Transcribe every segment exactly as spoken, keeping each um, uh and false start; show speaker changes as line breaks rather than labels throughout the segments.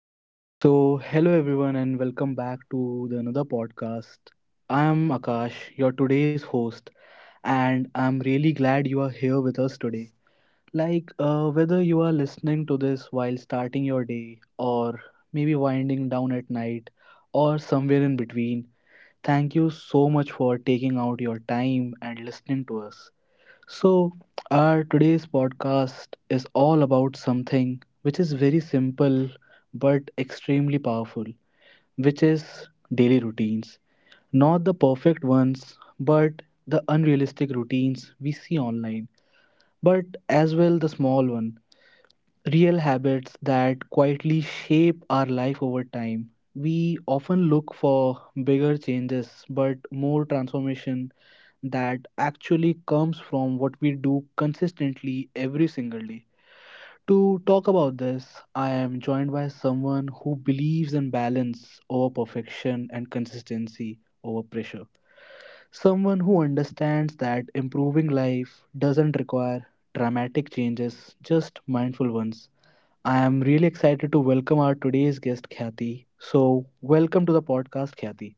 Okay, so hello everyone and welcome back to the another podcast. I'm Akash, your today's host, and I'm really glad you are here with us today. Like uh, whether you are listening to this while starting your day or maybe winding down at night or somewhere in between, thank you so much for taking out your time and listening to us. So, our today's podcast is all about something which is very simple but extremely powerful, which is daily routines. Not the perfect ones, but the unrealistic routines we see online, but as well the small one, real habits that quietly shape our life over time. We often look for bigger changes, but more transformation that actually comes from what we do consistently every single day. To talk about this, I am joined by someone who believes in balance over perfection and consistency over pressure. Someone who understands that improving life doesn't require dramatic changes, just mindful ones. I am really excited to welcome our today's guest, Khyati. So, welcome to the podcast, Khyati.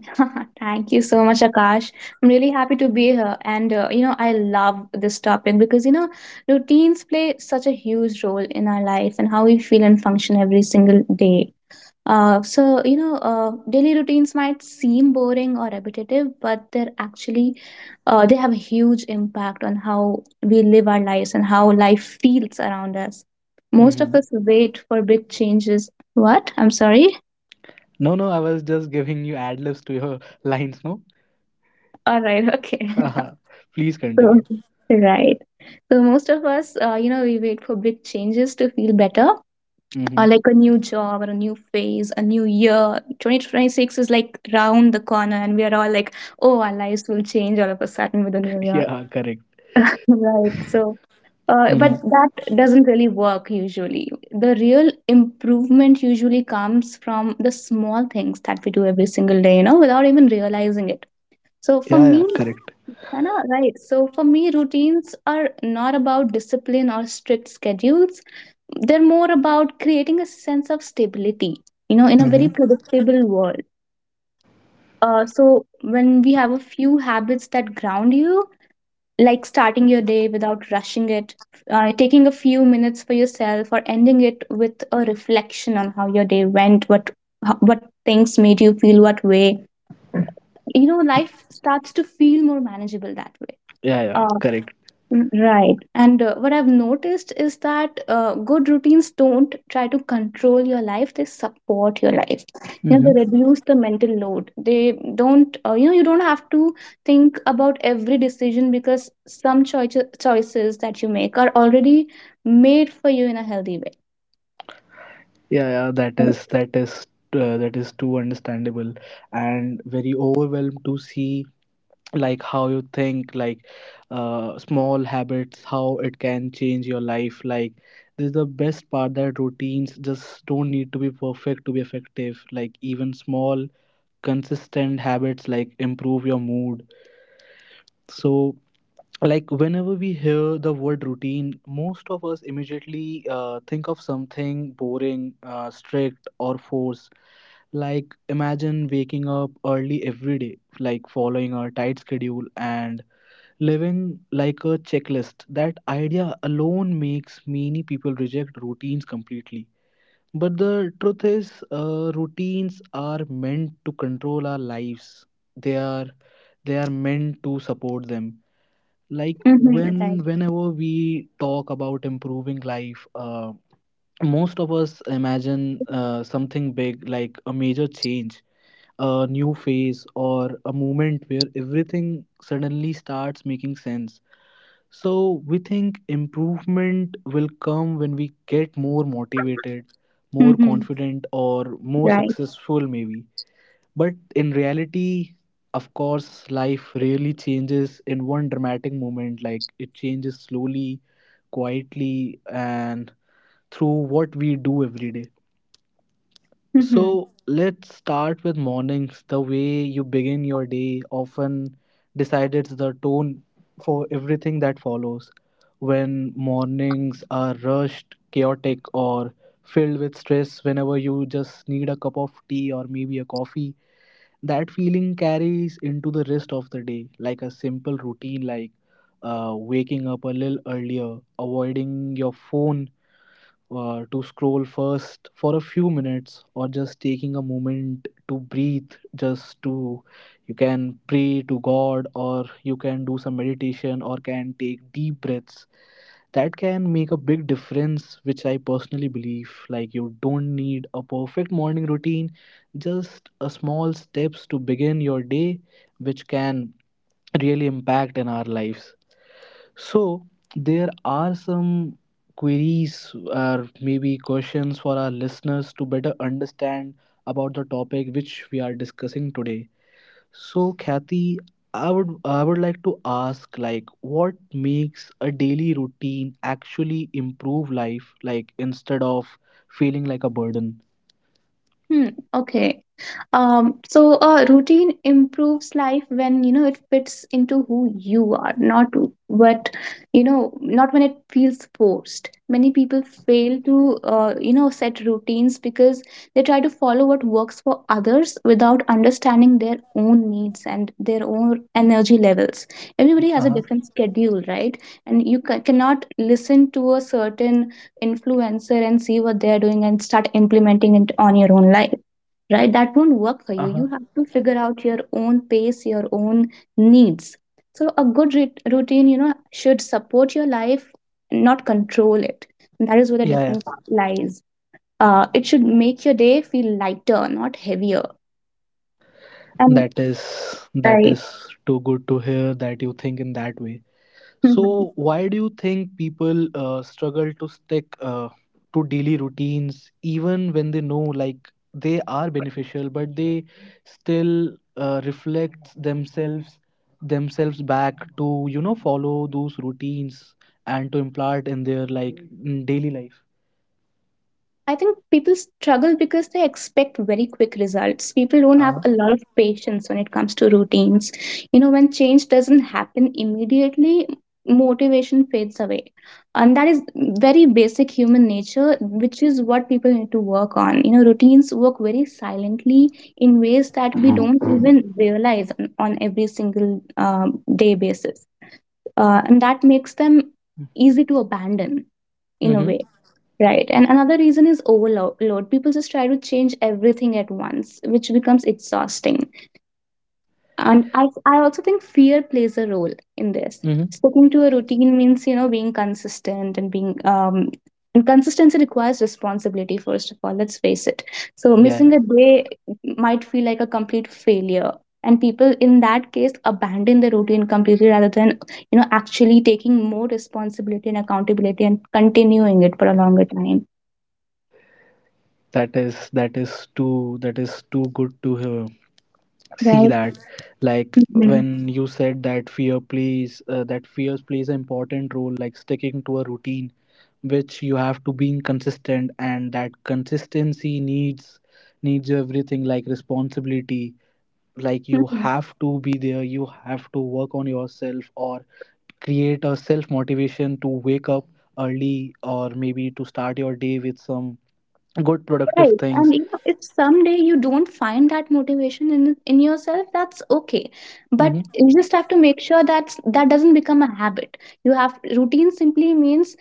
Thank you so much, Akash. I'm really happy to be here. And, uh, you know, I love this topic because, you know, routines play such a huge role in our life and how we feel and function every single day. Uh, so, you know, uh, daily routines might seem boring or repetitive, but they're actually, uh, they have a huge impact on how we live our lives and how life feels around us. Most of
Hmm.
us wait for big changes. What? I'm sorry.
No, no, I was just giving you ad libs to your lines, no?
All right. Okay.
uh Please
so,
continue.
right. So most of us, uh, you know, we wait for big changes to feel better, uh,
Mm-hmm.
like a new job or a new phase, a new year. twenty twenty-six is like round the corner, and we are all like, oh, our lives will change all of a sudden with the new year.
Yeah, correct.
Right. So, uh,
Mm-hmm.
but that doesn't really work usually. The real improvement usually comes from the small things that we do every single day, you know, without even realizing it. So for
Yeah, yeah,
me,
correct.
I know, right. So for me, routines are not about discipline or strict schedules. They're more about creating a sense of stability, you know, in a very
Mm-hmm.
predictable world. Uh, so when we have a few habits that ground you, like starting your day without rushing it, uh, taking a few minutes for yourself, or ending it with a reflection on how your day went, what ho- what things made you feel what way, you know, life starts to feel more manageable that way.
Yeah, yeah,
Uh,
correct.
n- right. And uh, what I've noticed is that uh, good routines don't try to control your life, they support your life. You know,
Mm-hmm.
they reduce the mental load. They don't, uh, you know, You don't have to think about every decision because some choices choices that you make are already made for you in a healthy way.
Yeah, yeah, that is that is uh, that is too understandable and very overwhelmed to see, like, how you think, like, uh, small habits, how it can change your life. Like, this is the best part, that routines just don't need to be perfect to be effective, like even small consistent habits, like, improve your mood. So, like, whenever we hear the word routine, most of us immediately uh, think of something boring, uh, strict, or forced. Like, imagine waking up early every day, like following a tight schedule and living like a checklist. That idea alone makes many people reject routines completely. But the truth is, uh, routines are meant to control our lives. They are they are meant to support them. Like,
Mm-hmm,
when
right.
whenever we talk about improving life, uh, most of us imagine uh, something big, like a major change, a new phase, or a moment where everything suddenly starts making sense. So we think improvement will come when we get more motivated, more
Mm-hmm,
confident, or more
right.
successful maybe. But in reality, of course, life really changes in one dramatic moment. Like, it changes slowly, quietly, and through what we do every day.
Mm-hmm.
So let's start with mornings. The way you begin your day often decides the tone for everything that follows. When mornings are rushed, chaotic, or filled with stress, whenever you just need a cup of tea or maybe a coffee, that feeling carries into the rest of the day. Like, a simple routine, like uh, waking up a little earlier, avoiding your phone uh, to scroll first for a few minutes, or just taking a moment to breathe, just to, you can pray to God, or you can do some meditation or can take deep breaths, that can make a big difference, which I personally believe. Like, you don't need a perfect morning routine, just a small steps to begin your day, which can really impact in our lives. So, there are some queries or maybe questions for our listeners to better understand about the topic which we are discussing today. So Kathy, I would I would like to ask, like, what makes a daily routine actually improve life, like, instead of feeling like a burden?
Hmm, okay. Um, so uh, routine improves life when you know it fits into who you are, not what you know, not when it feels forced. Many people fail to uh, you know set routines because they try to follow what works for others without understanding their own needs and their own energy levels. Everybody has a
Uh-huh.
different schedule, right? And you ca- cannot listen to a certain influencer and see what they are doing and start implementing it on your own life, right? That won't work for you.
Uh-huh.
You have to figure out your own pace, your own needs. So a good rit- routine, you know, should support your life, not control it. And that is where the
Yeah,
difference
yeah.
lies. Uh, it should make your day feel lighter, not heavier. And
That is that
right.
is too good to hear that you think in that way. So, why do you think people uh, struggle to stick, uh, to daily routines even when they know, like, they are beneficial, but they still uh, reflect themselves themselves back to, you know follow those routines and to implant in their, like, mm, daily life.
I think people struggle because they expect very quick results. People don't have
Uh-huh.
a lot of patience when it comes to routines. You know, when change doesn't happen immediately, motivation fades away. And that is very basic human nature, which is what people need to work on. You know, routines work very silently in ways that we don't
Mm-hmm.
even realize on, on every single um, day basis. Uh, and that makes them easy to abandon in a
Mm-hmm.
way. Right. And another reason is overload. People just try to change everything at once, which becomes exhausting. And I, I also think fear plays a role in this. Sticking to a routine means, you know, being consistent and being, um, and consistency requires responsibility, first of all, let's face it. So
Yeah,
missing
yeah.
a day might feel like a complete failure. And people in that case abandon the routine completely rather than, you know, actually taking more responsibility and accountability and continuing it for a longer time.
that is that is too that is too good to hear. See
Right.
that, like,
Mhm.
when you said that fear plays, uh, that fears plays an important role, like sticking to a routine, which you have to being consistent, and that consistency needs needs everything, like responsibility. Like, you
Mhm.
have to be there, you have to work on yourself or create a self motivation to wake up early or maybe to start your day with some good productive
Right. And
things.
you know, if someday you don't find that motivation in in yourself, that's okay. But
Mm-hmm.
you just have to make sure that that doesn't become a habit. You have routine simply means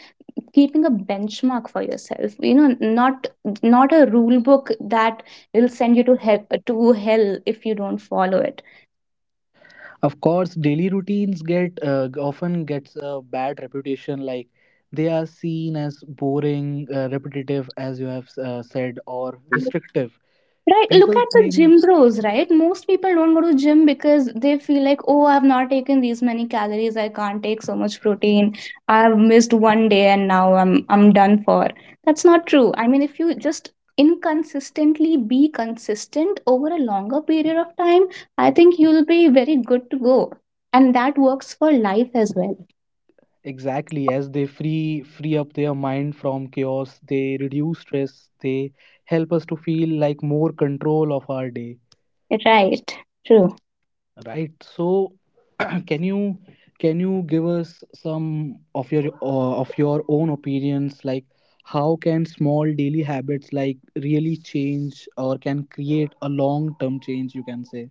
keeping a benchmark for yourself. You know, not not a rule book that will send you to hell to hell if you don't follow it.
Of course, daily routines get, uh, often gets a bad reputation, like they are seen as boring, uh, repetitive, as you have uh, said, or restrictive.
Right, look
People
at the
think
gym bros, right? Most people don't go to gym because they feel like, oh, I've not taken these many calories, I can't take so much protein. I've missed one day and now I'm I'm done for. That's not true. I mean, if you just inconsistently be consistent over a longer period of time, I think you'll be very good to go. And that works for life as well.
exactly as they free free up their mind from chaos, they reduce stress, they help us to feel like more control of our day.
Right. True.
Right. So, can you can you give us some of your uh, of your own opinions, like how can small daily habits, like, really change or can create a long term change? You can say.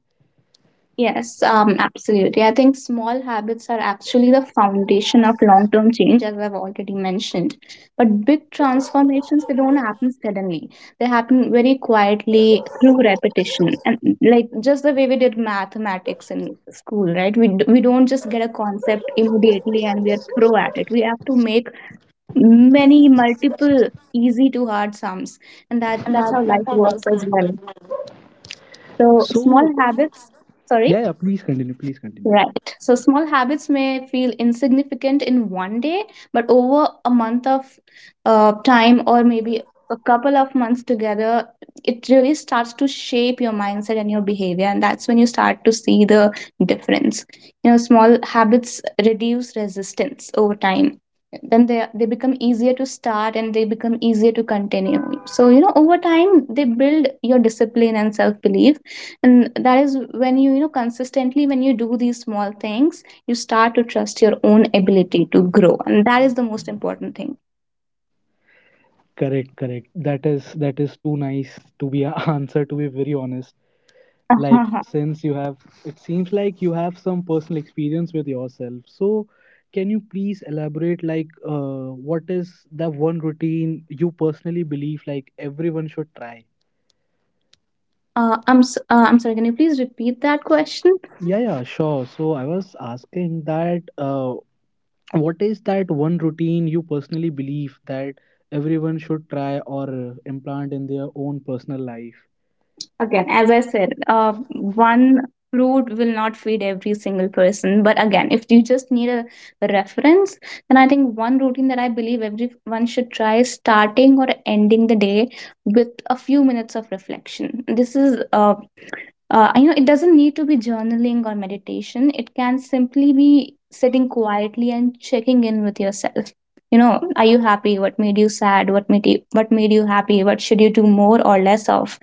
Yes, um, absolutely. I think small habits are actually the foundation of long term change, as I've already mentioned. But big transformations, they don't happen suddenly, they happen very quietly through repetition. And like just the way we did mathematics in school, right? We, d- we don't just get a concept immediately and we are pro at it. We have to make many, multiple easy to hard sums. And that,
And
that's how
that,
life
that's I like
works as
that
well.
as well.
So, small
So,
habits, sorry.
yeah, yeah. Please continue. Please continue.
Right. So small habits may feel insignificant in one day, but over a month of uh, time or maybe a couple of months together, it really starts to shape your mindset and your behavior. And that's when you start to see the difference. You know, small habits reduce resistance over time. Then they, they become easier to start and they become easier to continue. So, you know, over time, they build your discipline and self belief. And that is when you you know, consistently, when you do these small things, you start to trust your own ability to grow. And that is the most important thing.
Correct, correct. That is that is too nice to be an answer. To be very honest, like,
Uh-huh.
since you have it seems like you have some personal experience with yourself, so can you please elaborate, like, uh, what is the one routine you personally believe, like, everyone should try.
uh, i'm s- uh, I'm sorry, can you please repeat that question?
Yeah, yeah, sure, so I was asking that, uh, what is that one routine you personally believe that everyone should try or uh, implant in their own personal life.
Again as I said, uh, one fruit will not feed every single person. But again, if you just need a reference, then I think one routine that I believe everyone should try is starting or ending the day with a few minutes of reflection. This is uh, uh, You know, it doesn't need to be journaling or meditation. It can simply be sitting quietly and checking in with yourself. You know, are you happy, what made you sad, what made you what made you happy, what should you do more or less of.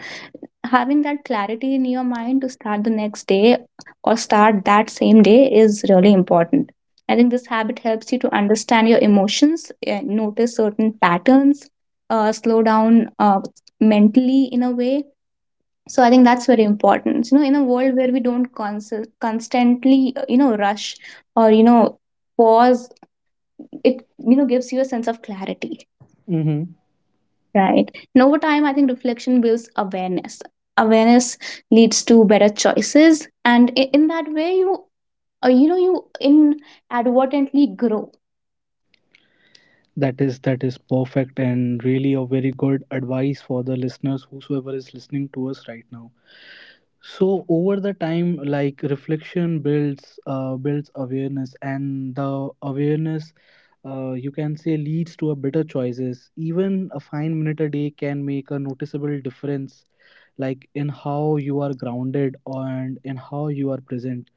Having that clarity in your mind to start the next day or start that same day is really important. I think this habit helps you to understand your emotions eh, notice certain patterns, uh, slow down uh, mentally in a way. So I think that's very important. You know, in a world where we don't cons- constantly, uh, you know rush or you know, pause, it you know gives you a sense of clarity.
Mm-hmm.
Right. And over time, I think reflection builds awareness. Awareness leads to better choices. And i- in that way you, uh, you know you inadvertently grow.
That is that is perfect and really a very good advice for the listeners whosoever is listening to us right now. So over the time, like, reflection builds uh, builds awareness, and the awareness, uh, you can say, leads to a better choices. Even a five minute a day can make a noticeable difference, like in how you are grounded and in how you are present.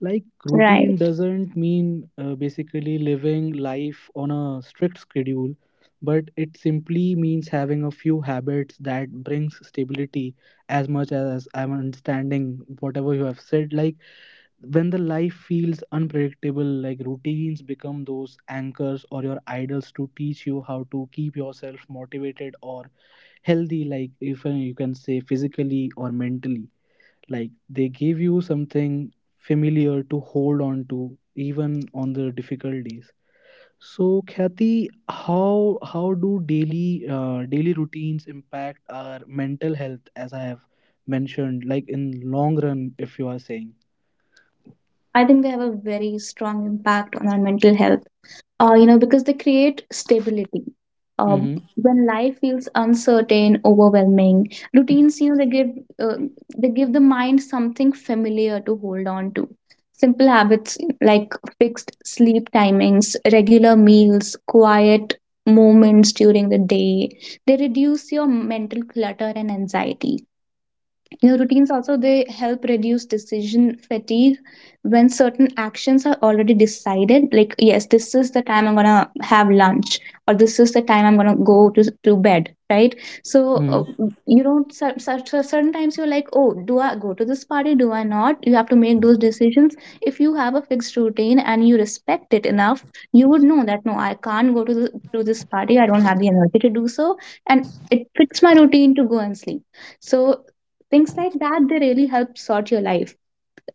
Like, routine
Right.
doesn't mean, uh, basically, living life on a strict schedule, but it simply means having a few habits that brings stability. As much as I'm understanding whatever you have said, like when the life feels unpredictable, like routines become those anchors or your idols to teach you how to keep yourself motivated or healthy, like if uh, you can say, physically or mentally, like they give you something familiar to hold on to even on the difficult days. So Kathy, how how do daily, uh, daily routines impact our mental health, as I have mentioned, like in long run, if you are saying?
I think they have a very strong impact on our mental health. Uh, you know, because they create stability. Um,
Mm-hmm.
when life feels uncertain, overwhelming, routines, you know, they give uh, they give the mind something familiar to hold on to. Simple habits like fixed sleep timings, regular meals, quiet moments during the day, they reduce your mental clutter and anxiety. You know, routines also they help reduce decision fatigue when certain actions are already decided. Like, yes, this is the time I'm gonna have lunch, or this is the time I'm gonna go to to bed, right? So uh, you don't. Cer- cer- cer- Certain times you're like, oh, do I go to this party? Do I not? You have to make those decisions. If you have a fixed routine and you respect it enough, you would know that no, I can't go to the, to this party. I don't have the energy to do so, and it fits my routine to go and sleep. So things like that, they really help sort your life.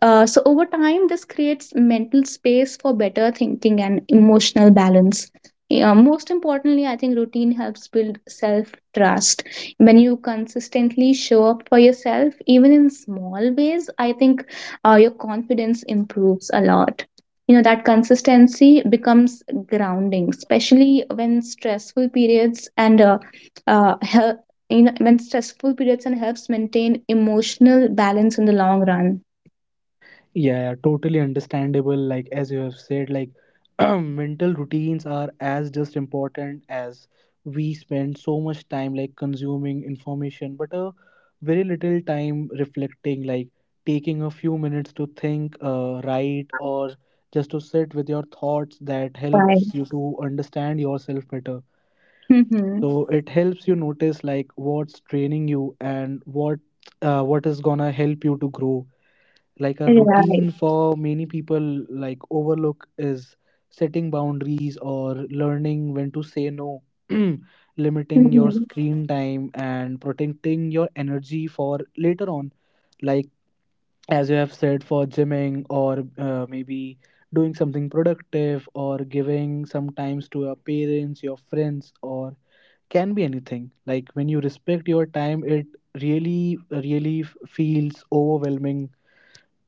Uh, so over time, this creates mental space for better thinking and emotional balance. Yeah, most importantly, I think routine helps build self trust. When you consistently show up for yourself, even in small ways, I think uh, your confidence improves a lot. You know, that consistency becomes grounding, especially when stressful periods and uh, uh, help, you know, when stressful periods and helps maintain emotional balance in the long run.
Yeah, totally understandable. Like, as you have said, like, mental routines are as just important as, we spend so much time, like, consuming information, but a very little time reflecting. Like, taking a few minutes to think, uh, write, or just to sit with your thoughts, that helps you to understand yourself better.
Mhm.
So it helps you notice, like, what's training you and what uh, what is gonna help you to grow. Like, a
Right.
routine for many people, like, overlook is setting boundaries or learning when to say no, limiting your
Mhm.
screen time and protecting your energy for later on. Like, as you have said, for gymming or uh, maybe doing something productive, or giving some times to your parents, your friends, or can be anything. Like, when you respect your time, it really really f- feels overwhelming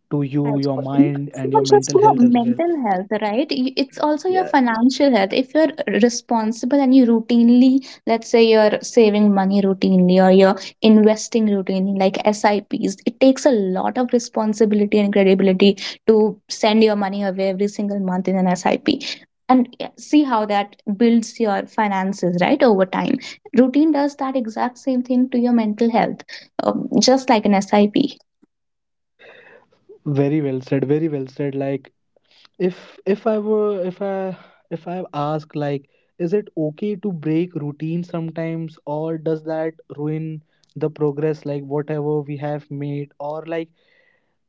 to
Right.
you, your mind,
It's
and your
not just
mental
your
health as well.
mental health, right? Y- It's also your
Yeah,
financial health. If you're responsible and you routinely, let's say you're saving money routinely or you're investing routinely, like S I Ps, it takes a lot of responsibility and credibility to send your money away every single month in an S I P. And yeah, see how that builds your finances, right? Over time. Routine does that exact same thing to your mental health, um, just like an S I P.
very well said. Very well said. Like, if if I were if I if I ask, like, is it okay to break routine sometimes, or does that ruin the progress? Like whatever we have made, or like,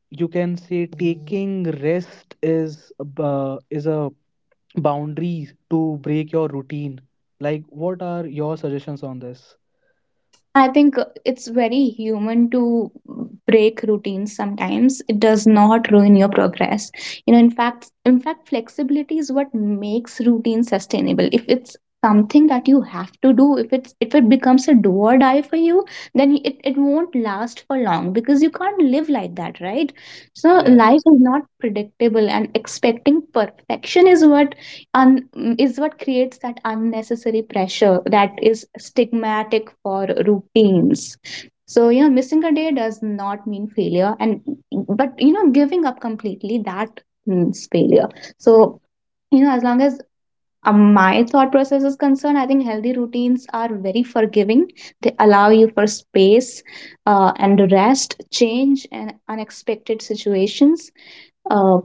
you can say, taking rest is a is a boundary to break your routine. Like, what are your suggestions on this?
I think uh, it's very human to break routines sometimes. It does not ruin your progress. You know, in fact, in fact, flexibility is what makes routine sustainable. If it's something that you have to do, if it's if it becomes a do or die for you, then it, it won't last for long because you can't live like that, right? So life is not predictable, and expecting perfection is what un- is what creates that unnecessary pressure that is stigmatic for routines. So, you know, missing a day does not mean failure, and but you know giving up completely, that means failure. So, you know, as long as um, my thought process is concerned, I think healthy routines are very forgiving. They allow you for space uh, and rest, change, and unexpected situations. Uh,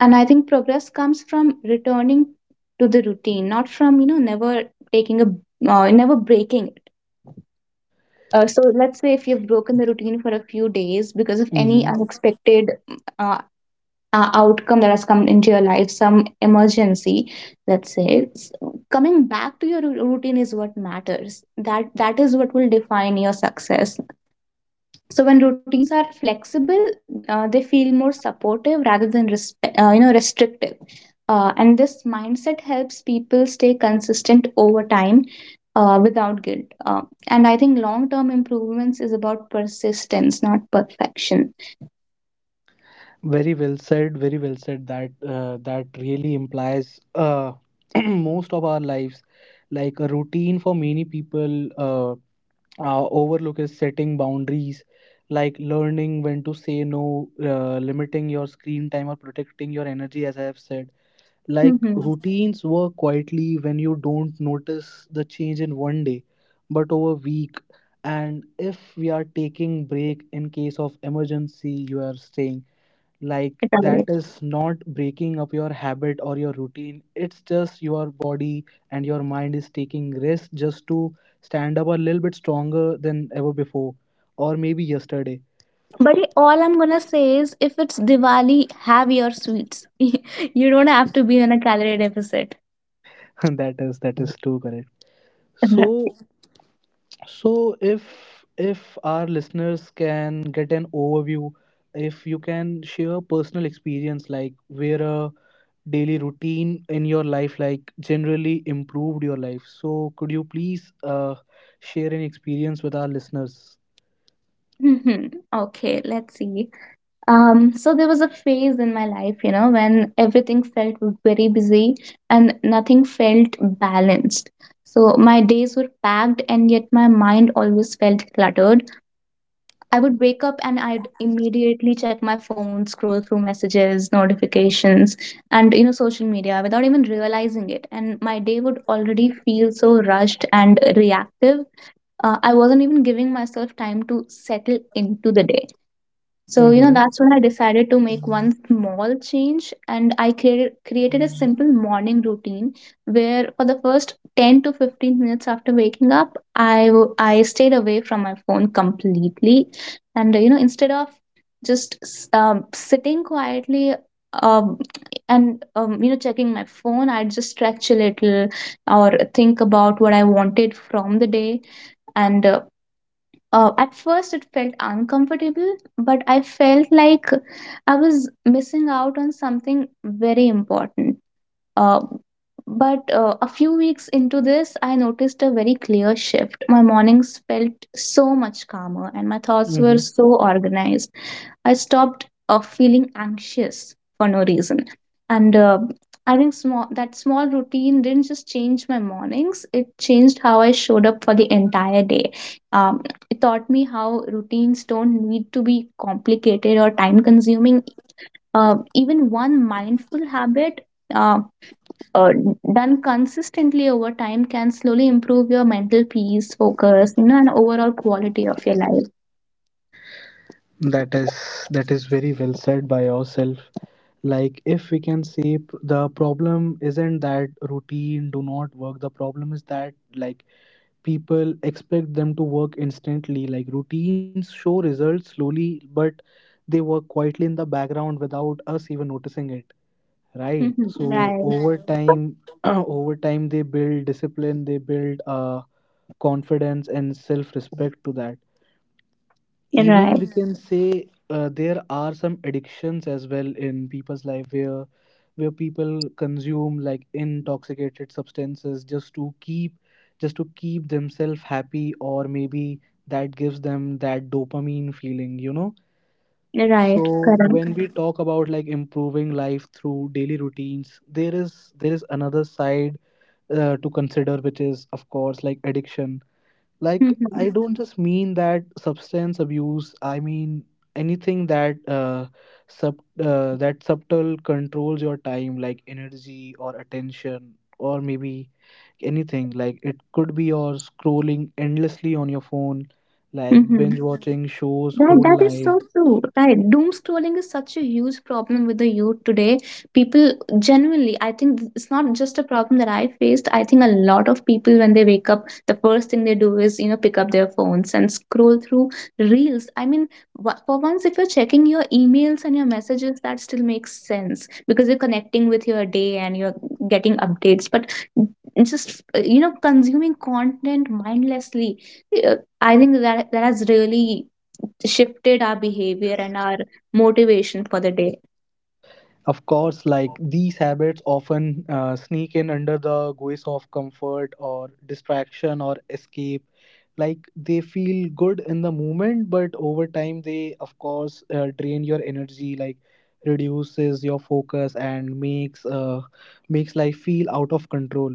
and I think progress comes from returning to the routine, not from you know never taking a uh, never breaking it. Uh, so let's say if you've broken the routine for a few days because of
Yeah.
any unexpected uh, uh, outcome that has come into your life, some emergency, let's say. s- Coming back to your ru- routine is what matters. That that is what will define your success. So when routines are flexible, uh, they feel more supportive rather than respe- uh, you know restrictive. Uh, and this mindset helps people stay consistent over time uh, without guilt. Uh, and I think long term improvements is about persistence, not perfection.
Very well said. Very well said. That uh, that really implies, uh, most of our lives, like a routine for many people. Uh, our overlook is setting boundaries, like learning when to say no, uh, limiting your screen time, or protecting your energy. As I have said, like
Mm-hmm.
routines work quietly when you don't notice the change in one day, but over week. And if we are taking break in case of emergency, you are staying, like, that is not breaking up your habit or your routine, it's just your body and your mind is taking risks just to stand up a little bit stronger than ever before or maybe yesterday.
But all I'm gonna say is, if it's Diwali, have your sweets. You don't have to be on a calorie deficit.
that is that is too correct. So so, if if our listeners can get an overview, if you can share personal experience, like where a daily routine in your life, like, generally improved your life, so could you please uh, share an experience with our listeners.
Mhm. Okay, let's see. Um, so there was a phase in my life, you know, when everything felt very busy and nothing felt balanced. So my days were packed, and yet my mind always felt cluttered. I would wake up, and I'd immediately check my phone, scroll through messages, notifications, and, you know, social media without even realizing it. And my day would already feel so rushed and reactive. Uh, I wasn't even giving myself time to settle into the day. So, you know,
Mm-hmm.
that's when I decided to make one small change, and I created created a simple morning routine where, for the first ten to fifteen minutes after waking up, I w- I stayed away from my phone completely. And uh, you know, instead of just s- um, sitting quietly, um, and um, you know, checking my phone, I'd just stretch a little or think about what I wanted from the day. And uh, uh, At first, it felt uncomfortable, but I felt like I was missing out on something very important. Uh, but uh, A few weeks into this, I noticed a very clear shift. My mornings felt so much calmer and my thoughts were
Mm-hmm.
so organized. I stopped uh, feeling anxious for no reason. And uh, I think small, that small routine didn't just change my mornings, it changed how I showed up for the entire day. Um, it taught me how routines don't need to be complicated or time consuming. Uh, even one mindful habit, Uh, uh, done consistently over time, can slowly improve your mental peace, focus, you know, and overall quality of your life.
That is that is very well said by yourself. Like, if we can say p- the problem isn't that routine do not work. The problem is that, like, people expect them to work instantly. Like routines show results slowly, but they work quietly in the background without us even noticing it. Right,
Mhm.
so
Right,
over time over time they build discipline, they build uh, confidence and self respect to that
right,
even we can say uh, there are some addictions as well in people's life where where people consume like intoxicated substances just to keep just to keep themselves happy, or maybe that gives them that dopamine feeling, you know so
right, correct.
when we talk about like improving life through daily routines, there is there is another side uh, to consider, which is of course like addiction. Like I
Mm-hmm.
don't just mean that substance abuse. I mean anything that uh, sub uh, that subtle controls your time, like energy or attention, or maybe anything. Like it could be your scrolling endlessly on your phone, like binge watching shows
That
whole
that is so
night.
true. Right. Doom scrolling is such a huge problem with the youth today. People genuinely, I think th- it's not just a problem that I faced. I think a lot of people, when they wake up, the first thing they do is, you know, pick up their phones and scroll through reels. I mean, wha- for once, if you're checking your emails and your messages, that still makes sense because you're connecting with your day and you're getting updates. But just uh, you know, consuming content mindlessly, uh, I think that that has really shifted our behavior and our motivation for the day.
Of course, like these habits often uh, sneak in under the guise of comfort or distraction or escape. Like they feel good in the moment, but over time, they of course uh, drain your energy, like reduces your focus and makes uh, makes life feel out of control.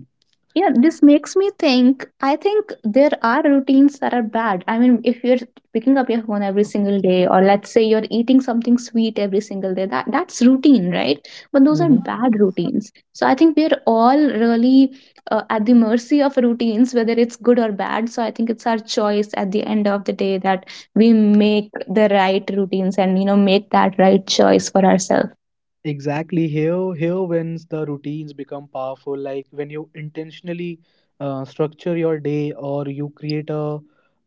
Yeah, this makes me think. I think there are routines that are bad. I mean, if you're picking up your phone every single day, or let's say you're eating something sweet every single day, that that's routine, right? But those are bad routines. So I think we're all really uh, at the mercy of routines, whether it's good or bad. So I think it's our choice at the end of the day that we make the right routines, and, you know, make that right choice for
Exactly. Here, here, when the routines become powerful, like when you intentionally uh, structure your day, or you create a,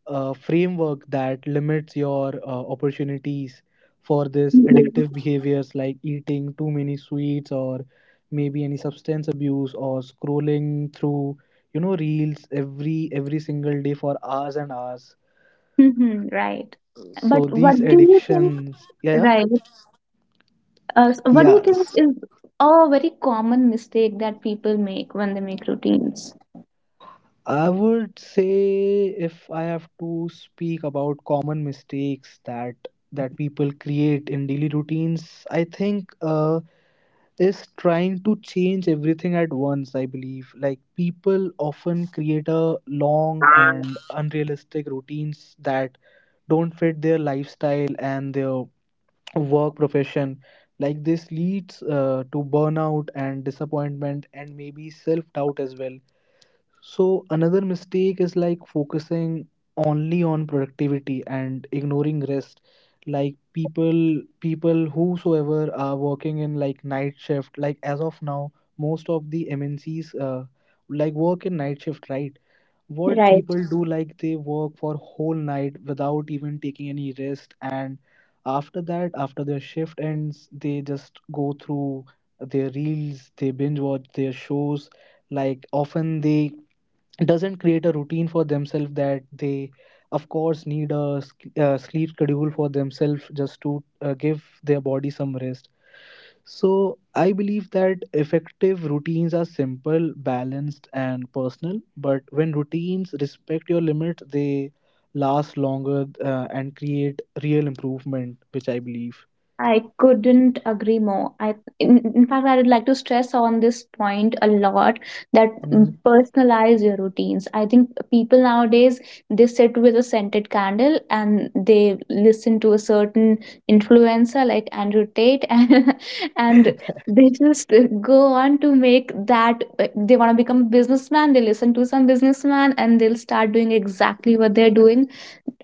a framework that limits your uh, opportunities for this
ourselves.
addictive behaviors, like eating too many sweets, or maybe any substance abuse, or scrolling through, you know, reels every every single day for hours and hours.
Mhm, right.
So
But what
these
do you think,
addictions, yeah, yeah.
right? Uh, so what do you
Yeah,
think is a very common mistake that people make when they make routines?
I would say if I have to speak about common mistakes that that people create in daily routines, I think uh, is trying to change everything at once. I believe like people often create a long and unrealistic routines that don't fit their lifestyle and their work profession. Like this leads uh, to burnout and disappointment and maybe self doubt as well. So another mistake is like focusing only on productivity and ignoring rest. Like people people whosoever are working in like night shift, like as of now, most of the M N Cs uh, like work in night shift, right? What
Right.
people do like they work for whole night without even taking any rest, and after that, after their shift ends, they just go through their reels, they binge watch their shows, like often they doesn't create a routine for themselves that they of course need a sk- uh, sleep schedule for themselves, just to uh, give their body some rest. So I believe that effective routines are simple, balanced and personal, but when routines respect your limits they last longer uh, and create real improvement, which I believe.
I couldn't agree more. I, in, in fact, I would like to stress on this point a lot that mm, personalize your routines. I think people nowadays, they sit with a scented candle and they listen to a certain influencer like Andrew Tate, and,
Hmm.
and they just go on to make that. Like, they want to become a businessman. They listen to some businessman and they'll start doing exactly what they're doing.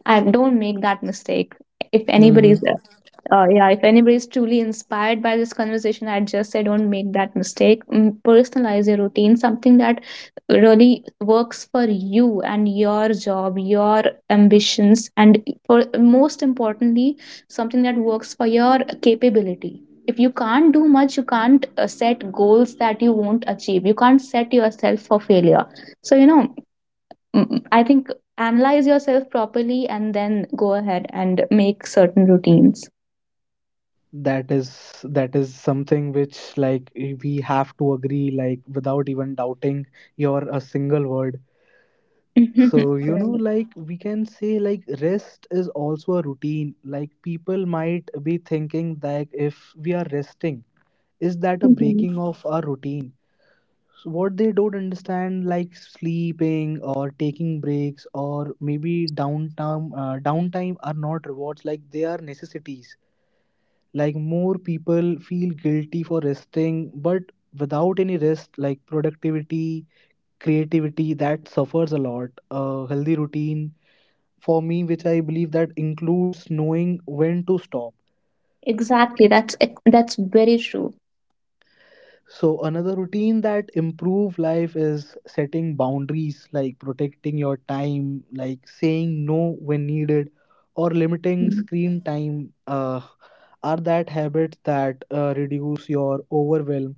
I don't make that mistake. If anybody's uh, yeah, if anybody is truly inspired by this conversation, I'd just say, don't make that mistake. Mm, Personalize your routine, something that really works for you and your job, your ambitions, and, for, most importantly, something that works for your capability. If you can't do much, you can't uh, set goals that you won't achieve. You can't set yourself for failure. So, you know, mm, mm, I think analyze yourself properly and then go ahead and make certain routines.
that is that is something which like we have to agree, like without even doubting your a single word.
Mhm.
So you know,
Right.
like we can say like rest is also a routine. Like people might be thinking that if we are resting, is that a
Mhm.
breaking of our routine? So what they don't understand, like sleeping or taking breaks or maybe downtime, uh, downtime are not rewards, like they are necessities. Like more people feel guilty for resting, but without any rest, like productivity, creativity, that suffers a lot. A healthy routine for me, which I believe, that includes knowing when to stop.
Exactly. That's ex- that's very true.
So another routine that improve life is setting boundaries, like protecting your time, like saying no when needed or limiting
Mm.
screen time uh, are that habits that uh, reduce your overwhelm.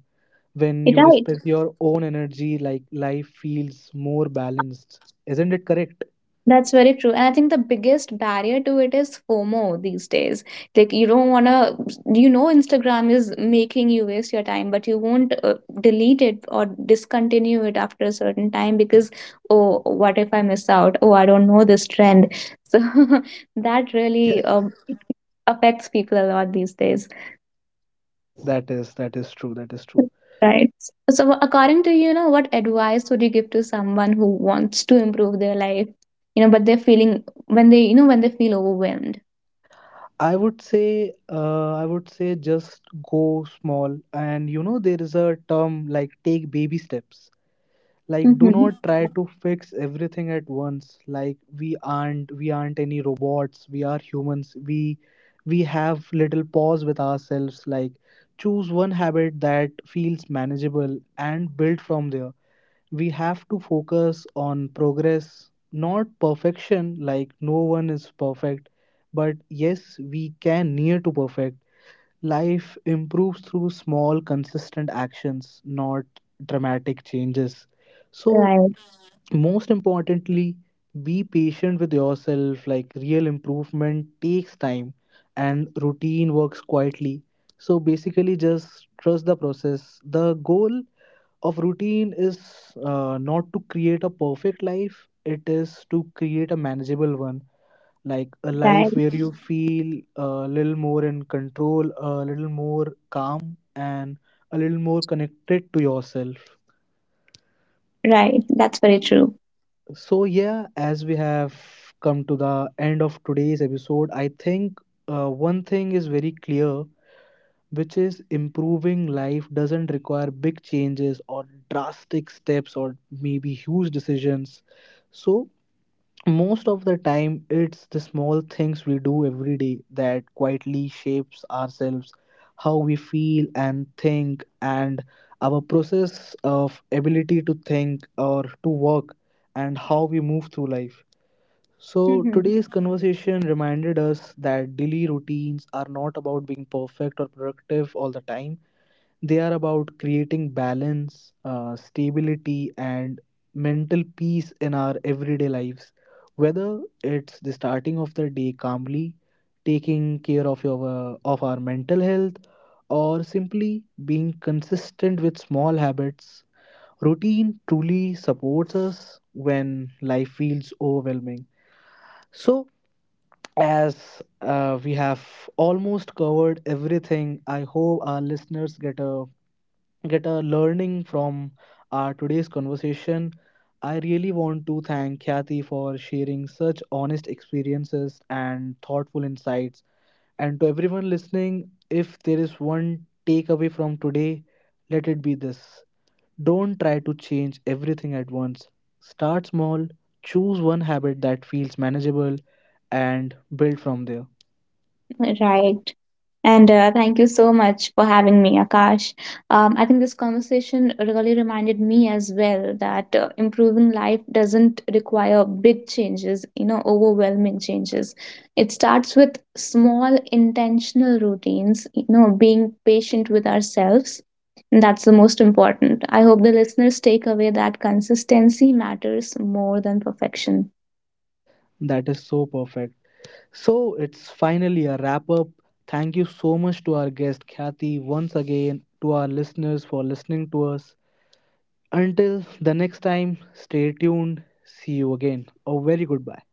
When you
Right.
respect your own energy, like life feels more balanced, isn't it correct?
That's very true. And I think the biggest barrier to it is FOMO these days. Like, you don't want to, you know, Instagram is making you waste your time, but you won't uh, delete it or discontinue it after a certain time because, oh, what if I miss out? Oh, I don't know this trend. So that really
Yes.
um, affects people a lot these days.
that is that is true, that is true.
Right. So, according to you, you know, what advice would you give to someone who wants to improve their life, you know, but they're feeling, when they, you know, when they feel overwhelmed?
I would say uh, i would say just go small, and you know there is a term like take baby steps. Like do
Mm-hmm.
not try to fix everything at once, like we aren't we aren't any robots, we are humans, we we have little pause with ourselves. Like choose one habit that feels manageable and build from there. We have to focus on progress, not perfection, like no one is perfect, but yes, we can near to perfect. Life improves through small, consistent actions, not dramatic changes. So,
Right,
most importantly, be patient with yourself. Like, real improvement takes time, and routine works quietly. So, basically, just trust the process. The goal of routine is uh, not to create a perfect life, it is to create a manageable one. Like a
right,
life where you feel a little more in control, a little more calm, and a little more connected to yourself.
right. That's very true.
So yeah, as we have come to the end of today's episode, I think uh, one thing is very clear, which is improving life doesn't require big changes or drastic steps or maybe huge decisions. So most of the time it's the small things we do every day that quietly shapes ourselves, how we feel and think, and our process of ability to think or to work, and how we move through life. So,
Mm-hmm.
today's conversation reminded us that daily routines are not about being perfect or productive all the time. They are about creating balance, uh, stability, and mental peace in our everyday lives. Whether it's the starting of the day calmly, taking care of your of our mental health, or simply being consistent with small habits, routine truly supports us when life feels overwhelming. So, as uh, we have almost covered everything, I hope our listeners get a get a learning from our today's conversation. I really want to thank Khyati for sharing such honest experiences and thoughtful insights. And to everyone listening, if there is one takeaway from today, let it be this. Don't try to change everything at once. Start small, choose one habit that feels manageable, and build from there.
Right. And uh, thank you so much for having me, Akash. Um, I think this conversation really reminded me as well that uh, improving life doesn't require big changes, you know, overwhelming changes. It starts with small, intentional routines, you know, being patient with ourselves. And that's the most important. I hope the listeners take away that consistency matters more than perfection.
That is so perfect. So it's finally a wrap up. Thank you so much to our guest Kathy once again, to our listeners for listening to us. Until the next time, stay tuned. See you again. A very goodbye.